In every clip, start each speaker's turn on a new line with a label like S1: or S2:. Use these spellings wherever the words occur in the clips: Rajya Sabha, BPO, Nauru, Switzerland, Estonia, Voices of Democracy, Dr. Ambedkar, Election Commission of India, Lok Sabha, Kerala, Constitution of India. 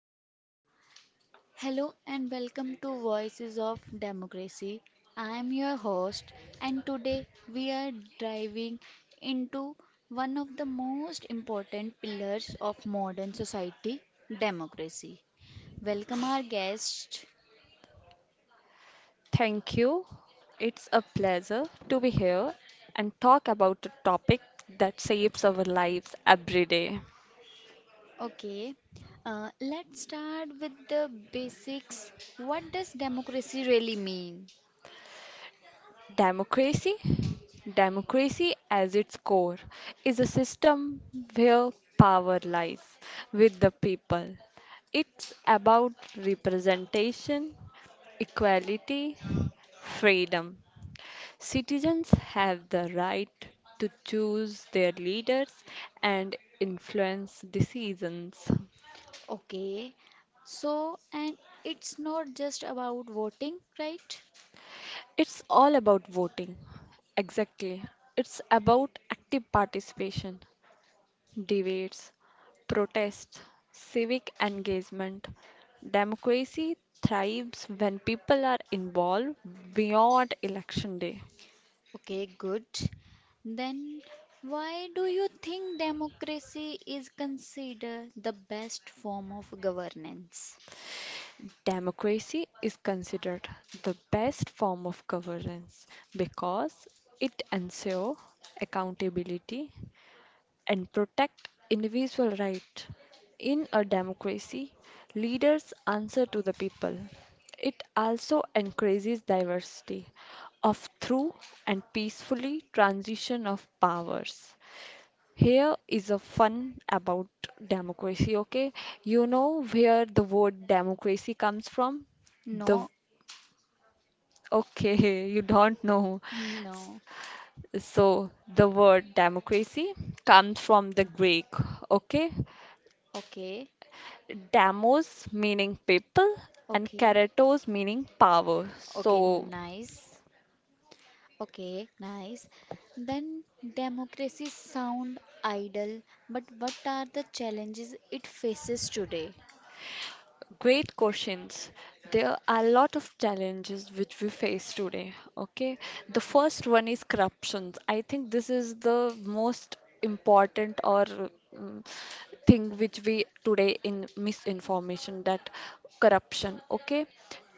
S1: Hello, hello, and welcome to Voices of Democracy. I am your host, and today we are diving into one of the most important pillars of modern society, democracy. Welcome, our guest.
S2: Thank you. It's a pleasure to be here and talk about a topic that shapes our lives every day.
S1: Okay, let's start with the basics. What does democracy really mean?
S2: Democracy. Democracy, as its core, is a system where power lies with the people. It's about representation, equality, freedom. Citizens have the right to choose their leaders and influence decisions.
S1: Okay, so and it's not just about voting, right?
S2: It's all about voting. Exactly. It's about active participation, debates, protests, civic engagement. Democracy thrives when people are involved beyond election day.
S1: Okay, good. Then why do you think democracy is considered the best form of governance?
S2: Democracy is considered the best form of governance because it ensures accountability, and protect individual rights. In a democracy, leaders answer to the people. It also encourages diversity of through and peacefully transition of powers. Here is a fun about democracy, okay? You know where the word democracy comes from? The
S1: No,
S2: Okay, you don't know.
S1: no.
S2: So the word democracy comes from the Greek, okay?
S1: Okay,
S2: Damos meaning people and
S1: okay,
S2: keratos meaning power.
S1: okay,
S2: So,
S1: nice. Okay, nice. Then democracy sound ideal, but what are the challenges it faces today?
S2: great questions. There are a lot of challenges which we face today. Okay, the first one is corruptions. I think this is the most important or thing which we today in misinformation that corruption. Okay,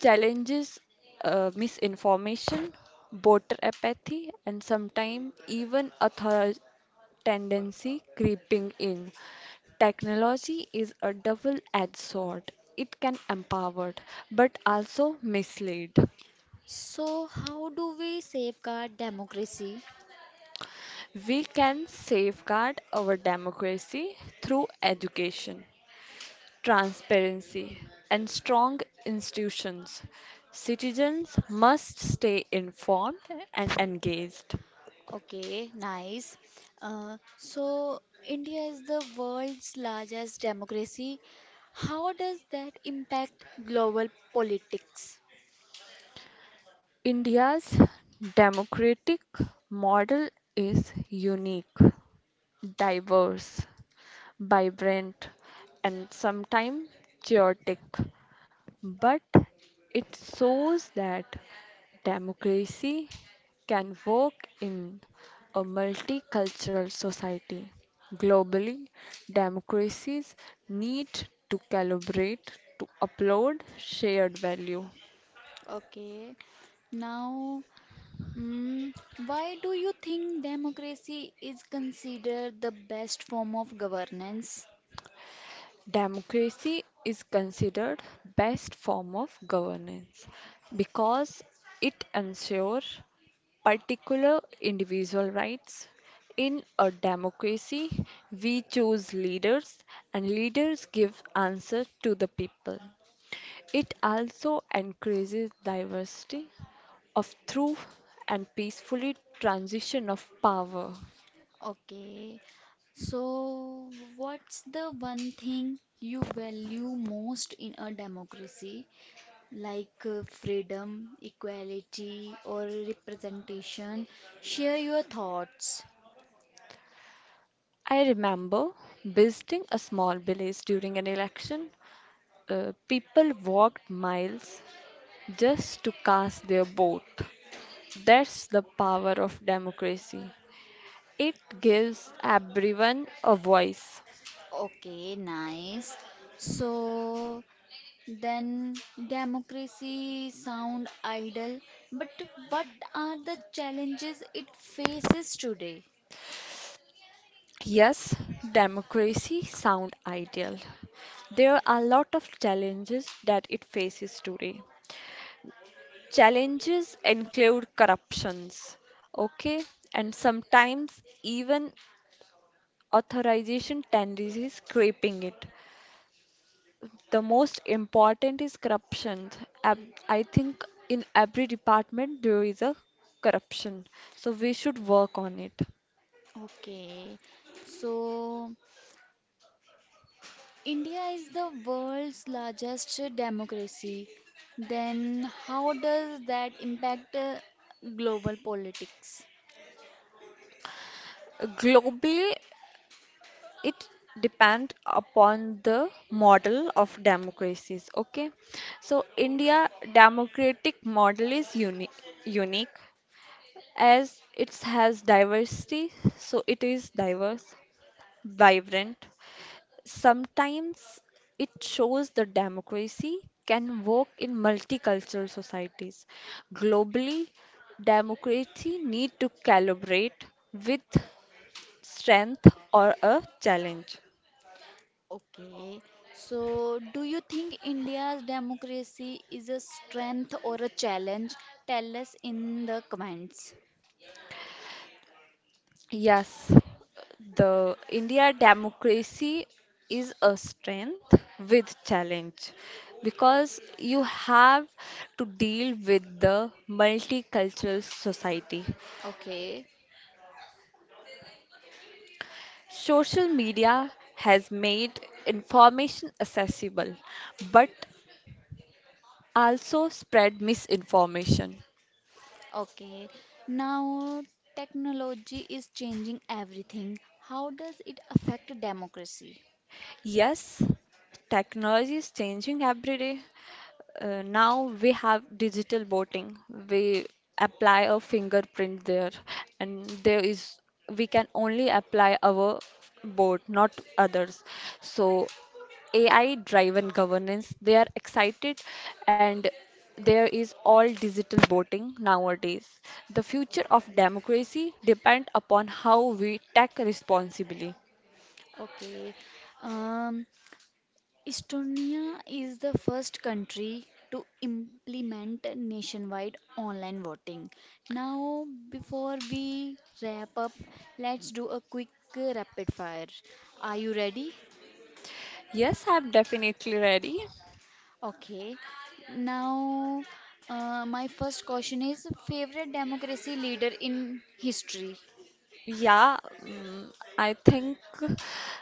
S2: challenges, misinformation, voter apathy, and sometimes even author tendency creeping in. Technology is a double edged sword. It can empower but also mislead.
S1: So how do we safeguard democracy?
S2: We can safeguard our democracy through education, transparency, and strong institutions. Citizens must stay informed and engaged.
S1: Okay, nice. India is the world's largest democracy. How does that impact global politics?
S2: India's democratic model is unique, diverse, vibrant, and sometimes chaotic, but it shows that democracy can work in a multicultural society. Globally, democracies need to calibrate to upload shared value.
S1: Okay, now, mm, why do you think democracy is considered the best form of governance?
S2: Democracy is considered best form of governance because it ensures particular individual rights. In a democracy, we choose leaders and leaders give answer to the people. It also encourages diversity of through and peacefully transition of power.
S1: Okay, so what's the one thing you value most in a democracy? Like freedom, equality, or representation. Share your thoughts.
S2: I remember visiting a small village during an election. People walked miles just to cast their vote. That's the power of democracy. It gives everyone a voice.
S1: Okay, nice. So then democracy sound ideal, but what are the challenges it faces today?
S2: Yes, democracy sound ideal. There are a lot of challenges that it faces today. Challenges include corruptions, okay, and sometimes even authorization tendencies creeping it. The most important is corruption. Ab- I think in every department there is a corruption, so we should work on it.
S1: Okay, so India is the world's largest democracy. Then how does that impact, global politics?
S2: Globally, it depend upon the model of democracies, okay. So India democratic model is unique as it has diversity, so it is diverse, vibrant, sometimes it shows that democracy can work in multicultural societies. Globally, democracy need to calibrate with strength or a challenge.
S1: Okay, so do you think India's democracy is a strength or a challenge? Tell us in the comments.
S2: Yes, the India democracy is a strength with challenge because you have to deal with the multicultural society.
S1: Okay.
S2: Social media has made information accessible but also spread misinformation.
S1: Okay, now technology is changing everything. How does it affect democracy?
S2: Yes, technology is changing every day. Now we have digital voting. We apply a fingerprint there, and there is we can only apply our vote, not others. So AI-driven governance, they are excited, and there is all digital voting nowadays. The future of democracy depend upon how we take responsibly.
S1: Okay, um, Estonia is the first country to implement nationwide online voting. Now, before we wrap up, let's do a quick rapid fire. Are you ready?
S2: Yes, I'm definitely ready.
S1: Okay. Now, my first question is favorite democracy leader in history?
S2: Yeah, mm, I think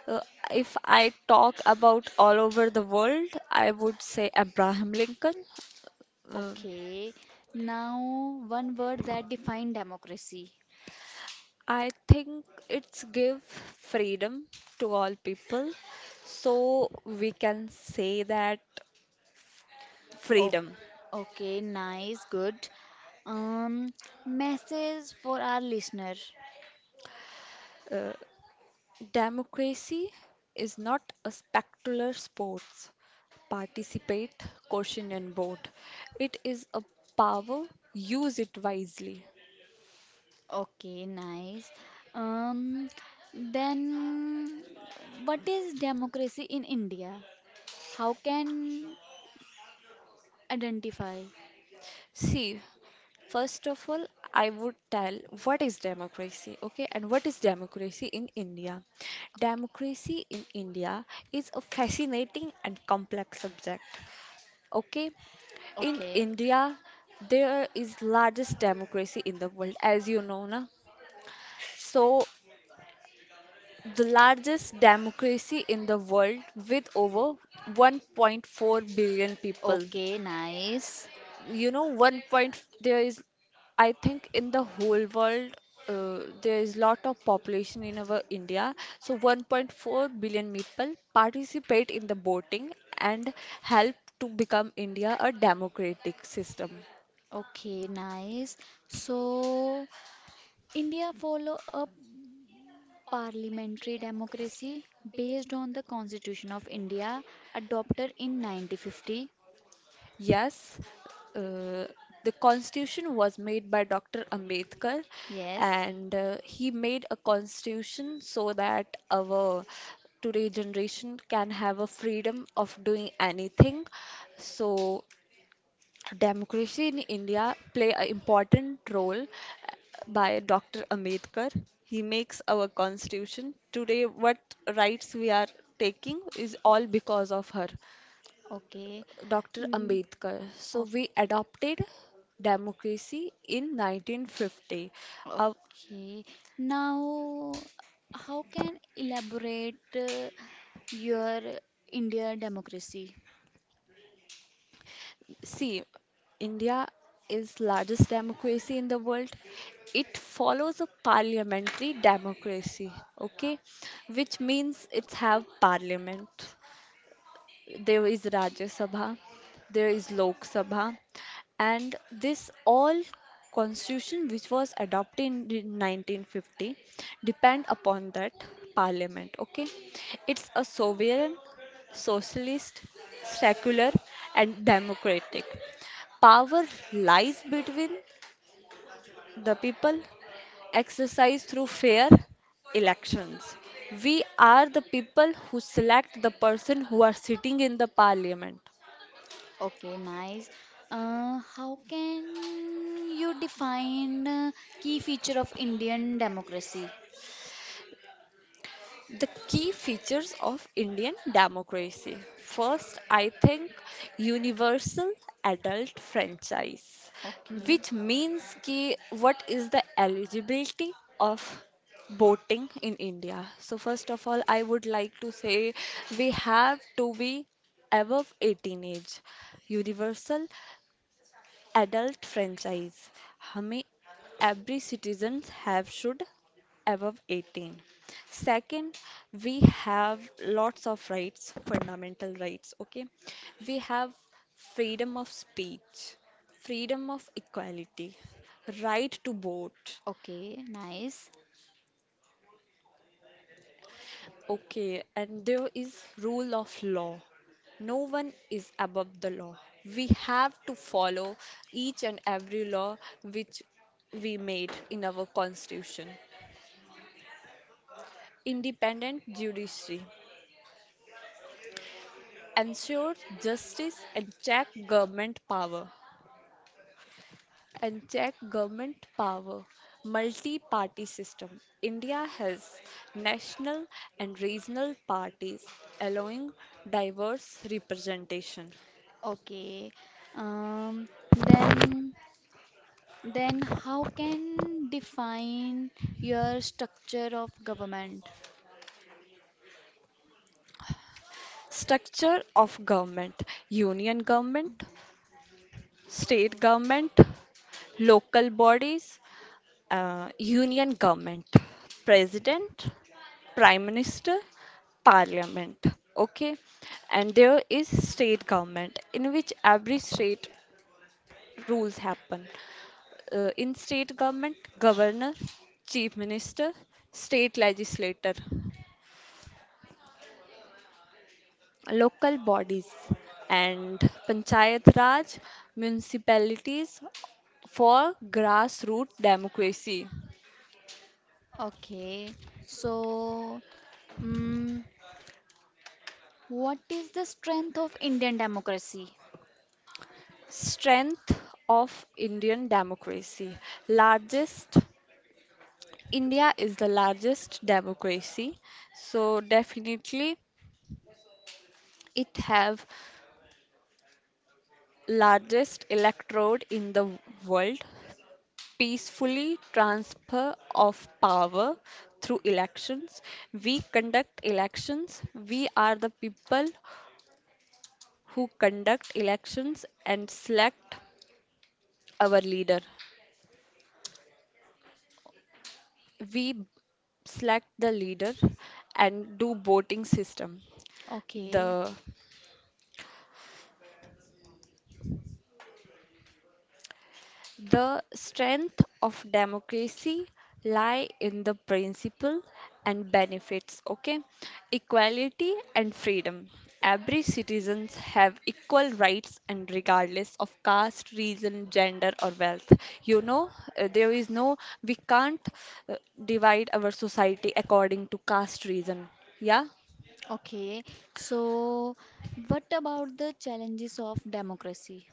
S2: uh, if I talk about all over the world, I would say Abraham Lincoln. Uh,
S1: Okay. Now, one word that defines democracy.
S2: I think it's give freedom to all people, so we can say that
S1: Oh,
S2: freedom.
S1: okay, nice, good. Um, Message for our listener.
S2: Uh, Democracy is not a spectacular sports. Participate, question and vote. It is a power, use it wisely.
S1: Okay, nice. Um, then what is democracy in India? How can identify?
S2: See, first of all, I would tell what is democracy, okay, and what is democracy in India. Democracy in India is a fascinating and complex subject. Okay, in
S1: Okay,
S2: India, there is largest democracy in the world, as you know, na. So the largest democracy in the world with over 1.4 billion people.
S1: okay, nice.
S2: You know, one point there is, I think in the whole world there is lot of population in our india, so 1.4 billion people participate in the voting and help to become india a democratic system.
S1: Okay, nice. So, India follow a parliamentary democracy based on the Constitution of India adopted in 1950.
S2: Yes, uh, the constitution was made by Dr. Ambedkar,
S1: Yes.
S2: and he made a constitution so that our today generation can have a freedom of doing anything. So democracy in India play an important role by Dr. Ambedkar. He makes our constitution. Today, what rights we are taking is all because of her.
S1: Okay.
S2: Dr.
S1: Mm,
S2: Ambedkar. So
S1: o-
S2: we adopted democracy in 1950. Uh,
S1: okay. Now, how can elaborate your India democracy?
S2: See, India is largest democracy in the world. It follows a parliamentary democracy, okay, which means it's have parliament. There is Rajya Sabha, there is Lok Sabha, and this all constitution which was adopted in the 1950 depend upon that parliament. Okay, it's a sovereign, socialist, secular, and democratic. Power lies between the people, exercised through fair elections. We are the people who select the person who are sitting in the parliament.
S1: Okay, nice. How can you define key feature of Indian democracy?
S2: The key features of Indian democracy. First, I think universal adult franchise,
S1: Okay.
S2: which means ki what is the eligibility of voting in India. So first of all, I would like to say we have to be above 18 age. Universal adult franchise. How many every citizens have should above 18. Second, we have lots of rights, fundamental rights. Okay, we have freedom of speech, freedom of equality, right to vote.
S1: Okay, nice.
S2: Okay, and there is rule of law. No one is above the law. We have to follow each and every law which we made in our constitution. Independent judiciary. Ensure justice and check government power. Multi party system. India has national and regional parties allowing diverse representation.
S1: Okay. Um, then Then how can define your structure of government?
S2: Structure of government. Union government, state government, local bodies. Union government, president, prime minister, parliament. Okay, and there is state government in which every state rules happen. In state government, governor, chief minister, state legislator, local bodies and panchayat raj municipalities for grassroots democracy.
S1: Okay, so mm what is the strength of Indian democracy?
S2: Strength of Indian democracy. Largest, India is the largest democracy. So definitely it have largest electorate in the world. Peacefully transfer of power through elections. We conduct elections. We are the people who conduct elections and select our leader. We select the leader and do voting system.
S1: Okay,
S2: The the strength of democracy lie in the principle and benefits, okay. Equality and freedom, every citizens have equal rights and regardless of caste, region, gender or wealth. You know, there is no, we can't, uh, divide our society according to caste, region, yeah.
S1: okay. So what about the challenges of democracy?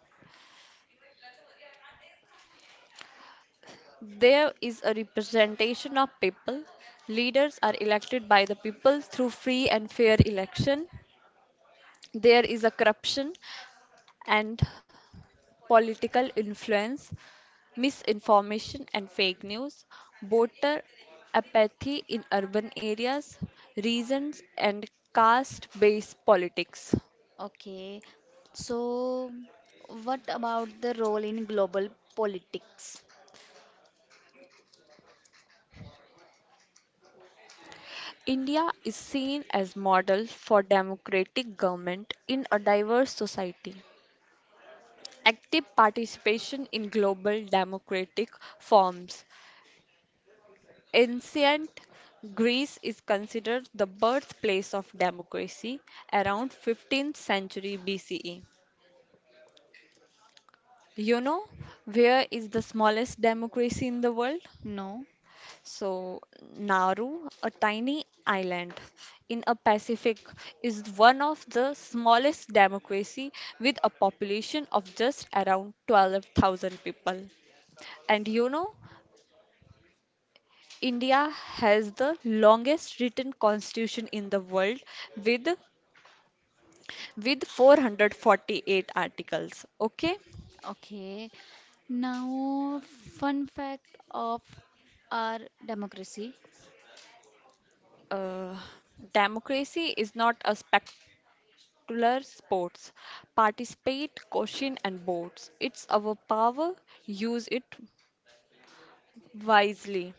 S2: There is a representation of people. Leaders are elected by the people through free and fair election. There is a corruption and political influence, misinformation and fake news, voter apathy in urban areas, reasons and caste-based politics.
S1: Okay, so what about the role in global politics?
S2: India is seen as model for democratic government in a diverse society. Active participation in global democratic forms. Ancient Greece is considered the birthplace of democracy around 15th century BCE. You know, where is the smallest democracy in the world?
S1: No.
S2: So, Nauru, a tiny island in a Pacific, is one of the smallest democracy with a population of just around 12,000 people. And you know, India has the longest written constitution in the world with 448 articles. Okay?
S1: Okay. Now, fun fact of our democracy.
S2: Uh, Democracy is not a spectacular sports. Participate, question and vote. It's our power. Use it wisely.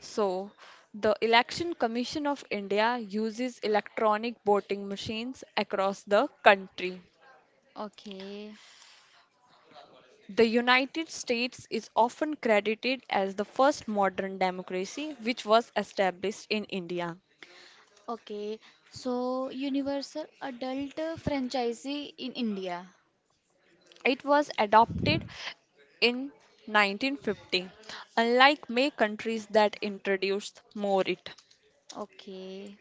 S2: So, the Election Commission of India uses electronic voting machines across the country.
S1: Okay.
S2: The United States is often credited as the first modern democracy which was established in India.
S1: Okay. So, universal adult franchisee in India.
S2: It was adopted in 1950, unlike many countries that introduced more it.
S1: Okay.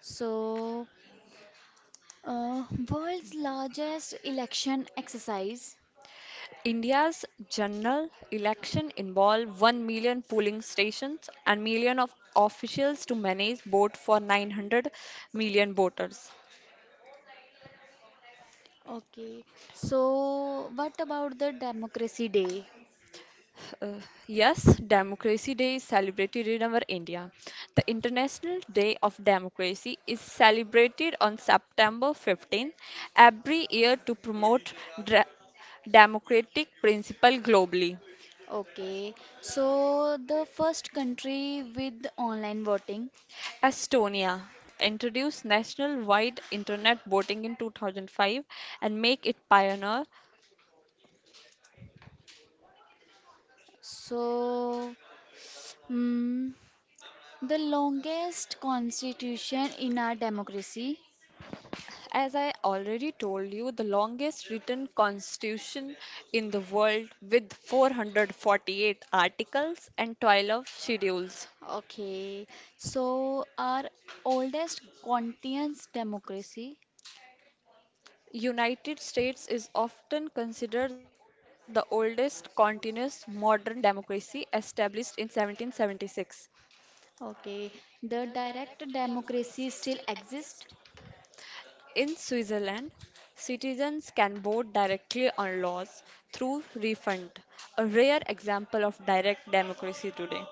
S1: So, uh, world's largest election exercise.
S2: India's general election involved 1 million polling stations and million of officials to manage vote for 900 million voters.
S1: Okay. So, what about the Democracy Day?
S2: Uh, yes, Democracy Day is celebrated in our India. The International Day of Democracy is celebrated on September 15th every year to promote dra- democratic principle globally.
S1: Okay. So, the first country with online voting.
S2: Estonia introduced national-wide internet voting in 2005 and make it pioneer.
S1: So, Hmm, the longest constitution in our democracy.
S2: As I already told you, the longest written constitution in the world with 448 articles and 12 schedules.
S1: Okay, so our oldest continuous democracy.
S2: United States is often considered the oldest continuous modern democracy established in 1776.
S1: Okay, the direct democracy still exists.
S2: In Switzerland, citizens can vote directly on laws through refund, a rare example of direct democracy today.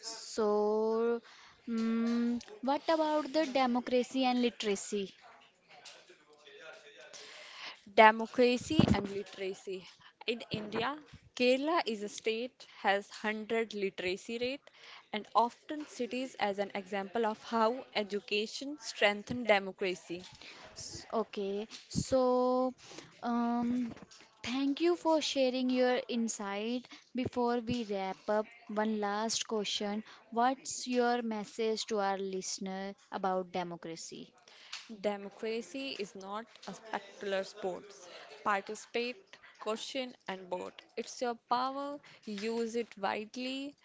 S1: So, what about the democracy and literacy?
S2: Democracy and literacy. In India, Kerala is a state has 100 literacy rate and often cities as an example of how education strengthened democracy.
S1: Okay, so um, thank you for sharing your insight. Before we wrap up, one last question. What's your message to our listener about democracy?
S2: Democracy is not a spectacular sports. Participate, question and vote. It's your power, use it widely.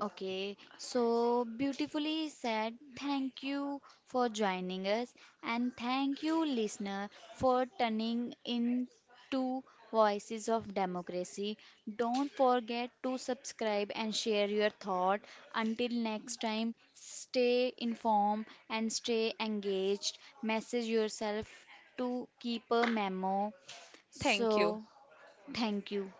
S1: Okay, so beautifully said. Thank you for joining us, and thank you, listener, for turning into Voices of Democracy. Don't forget to subscribe and share your thought. Until next time, stay informed and stay engaged. Message yourself to keep a memo.
S2: Thank you.
S1: So, thank you.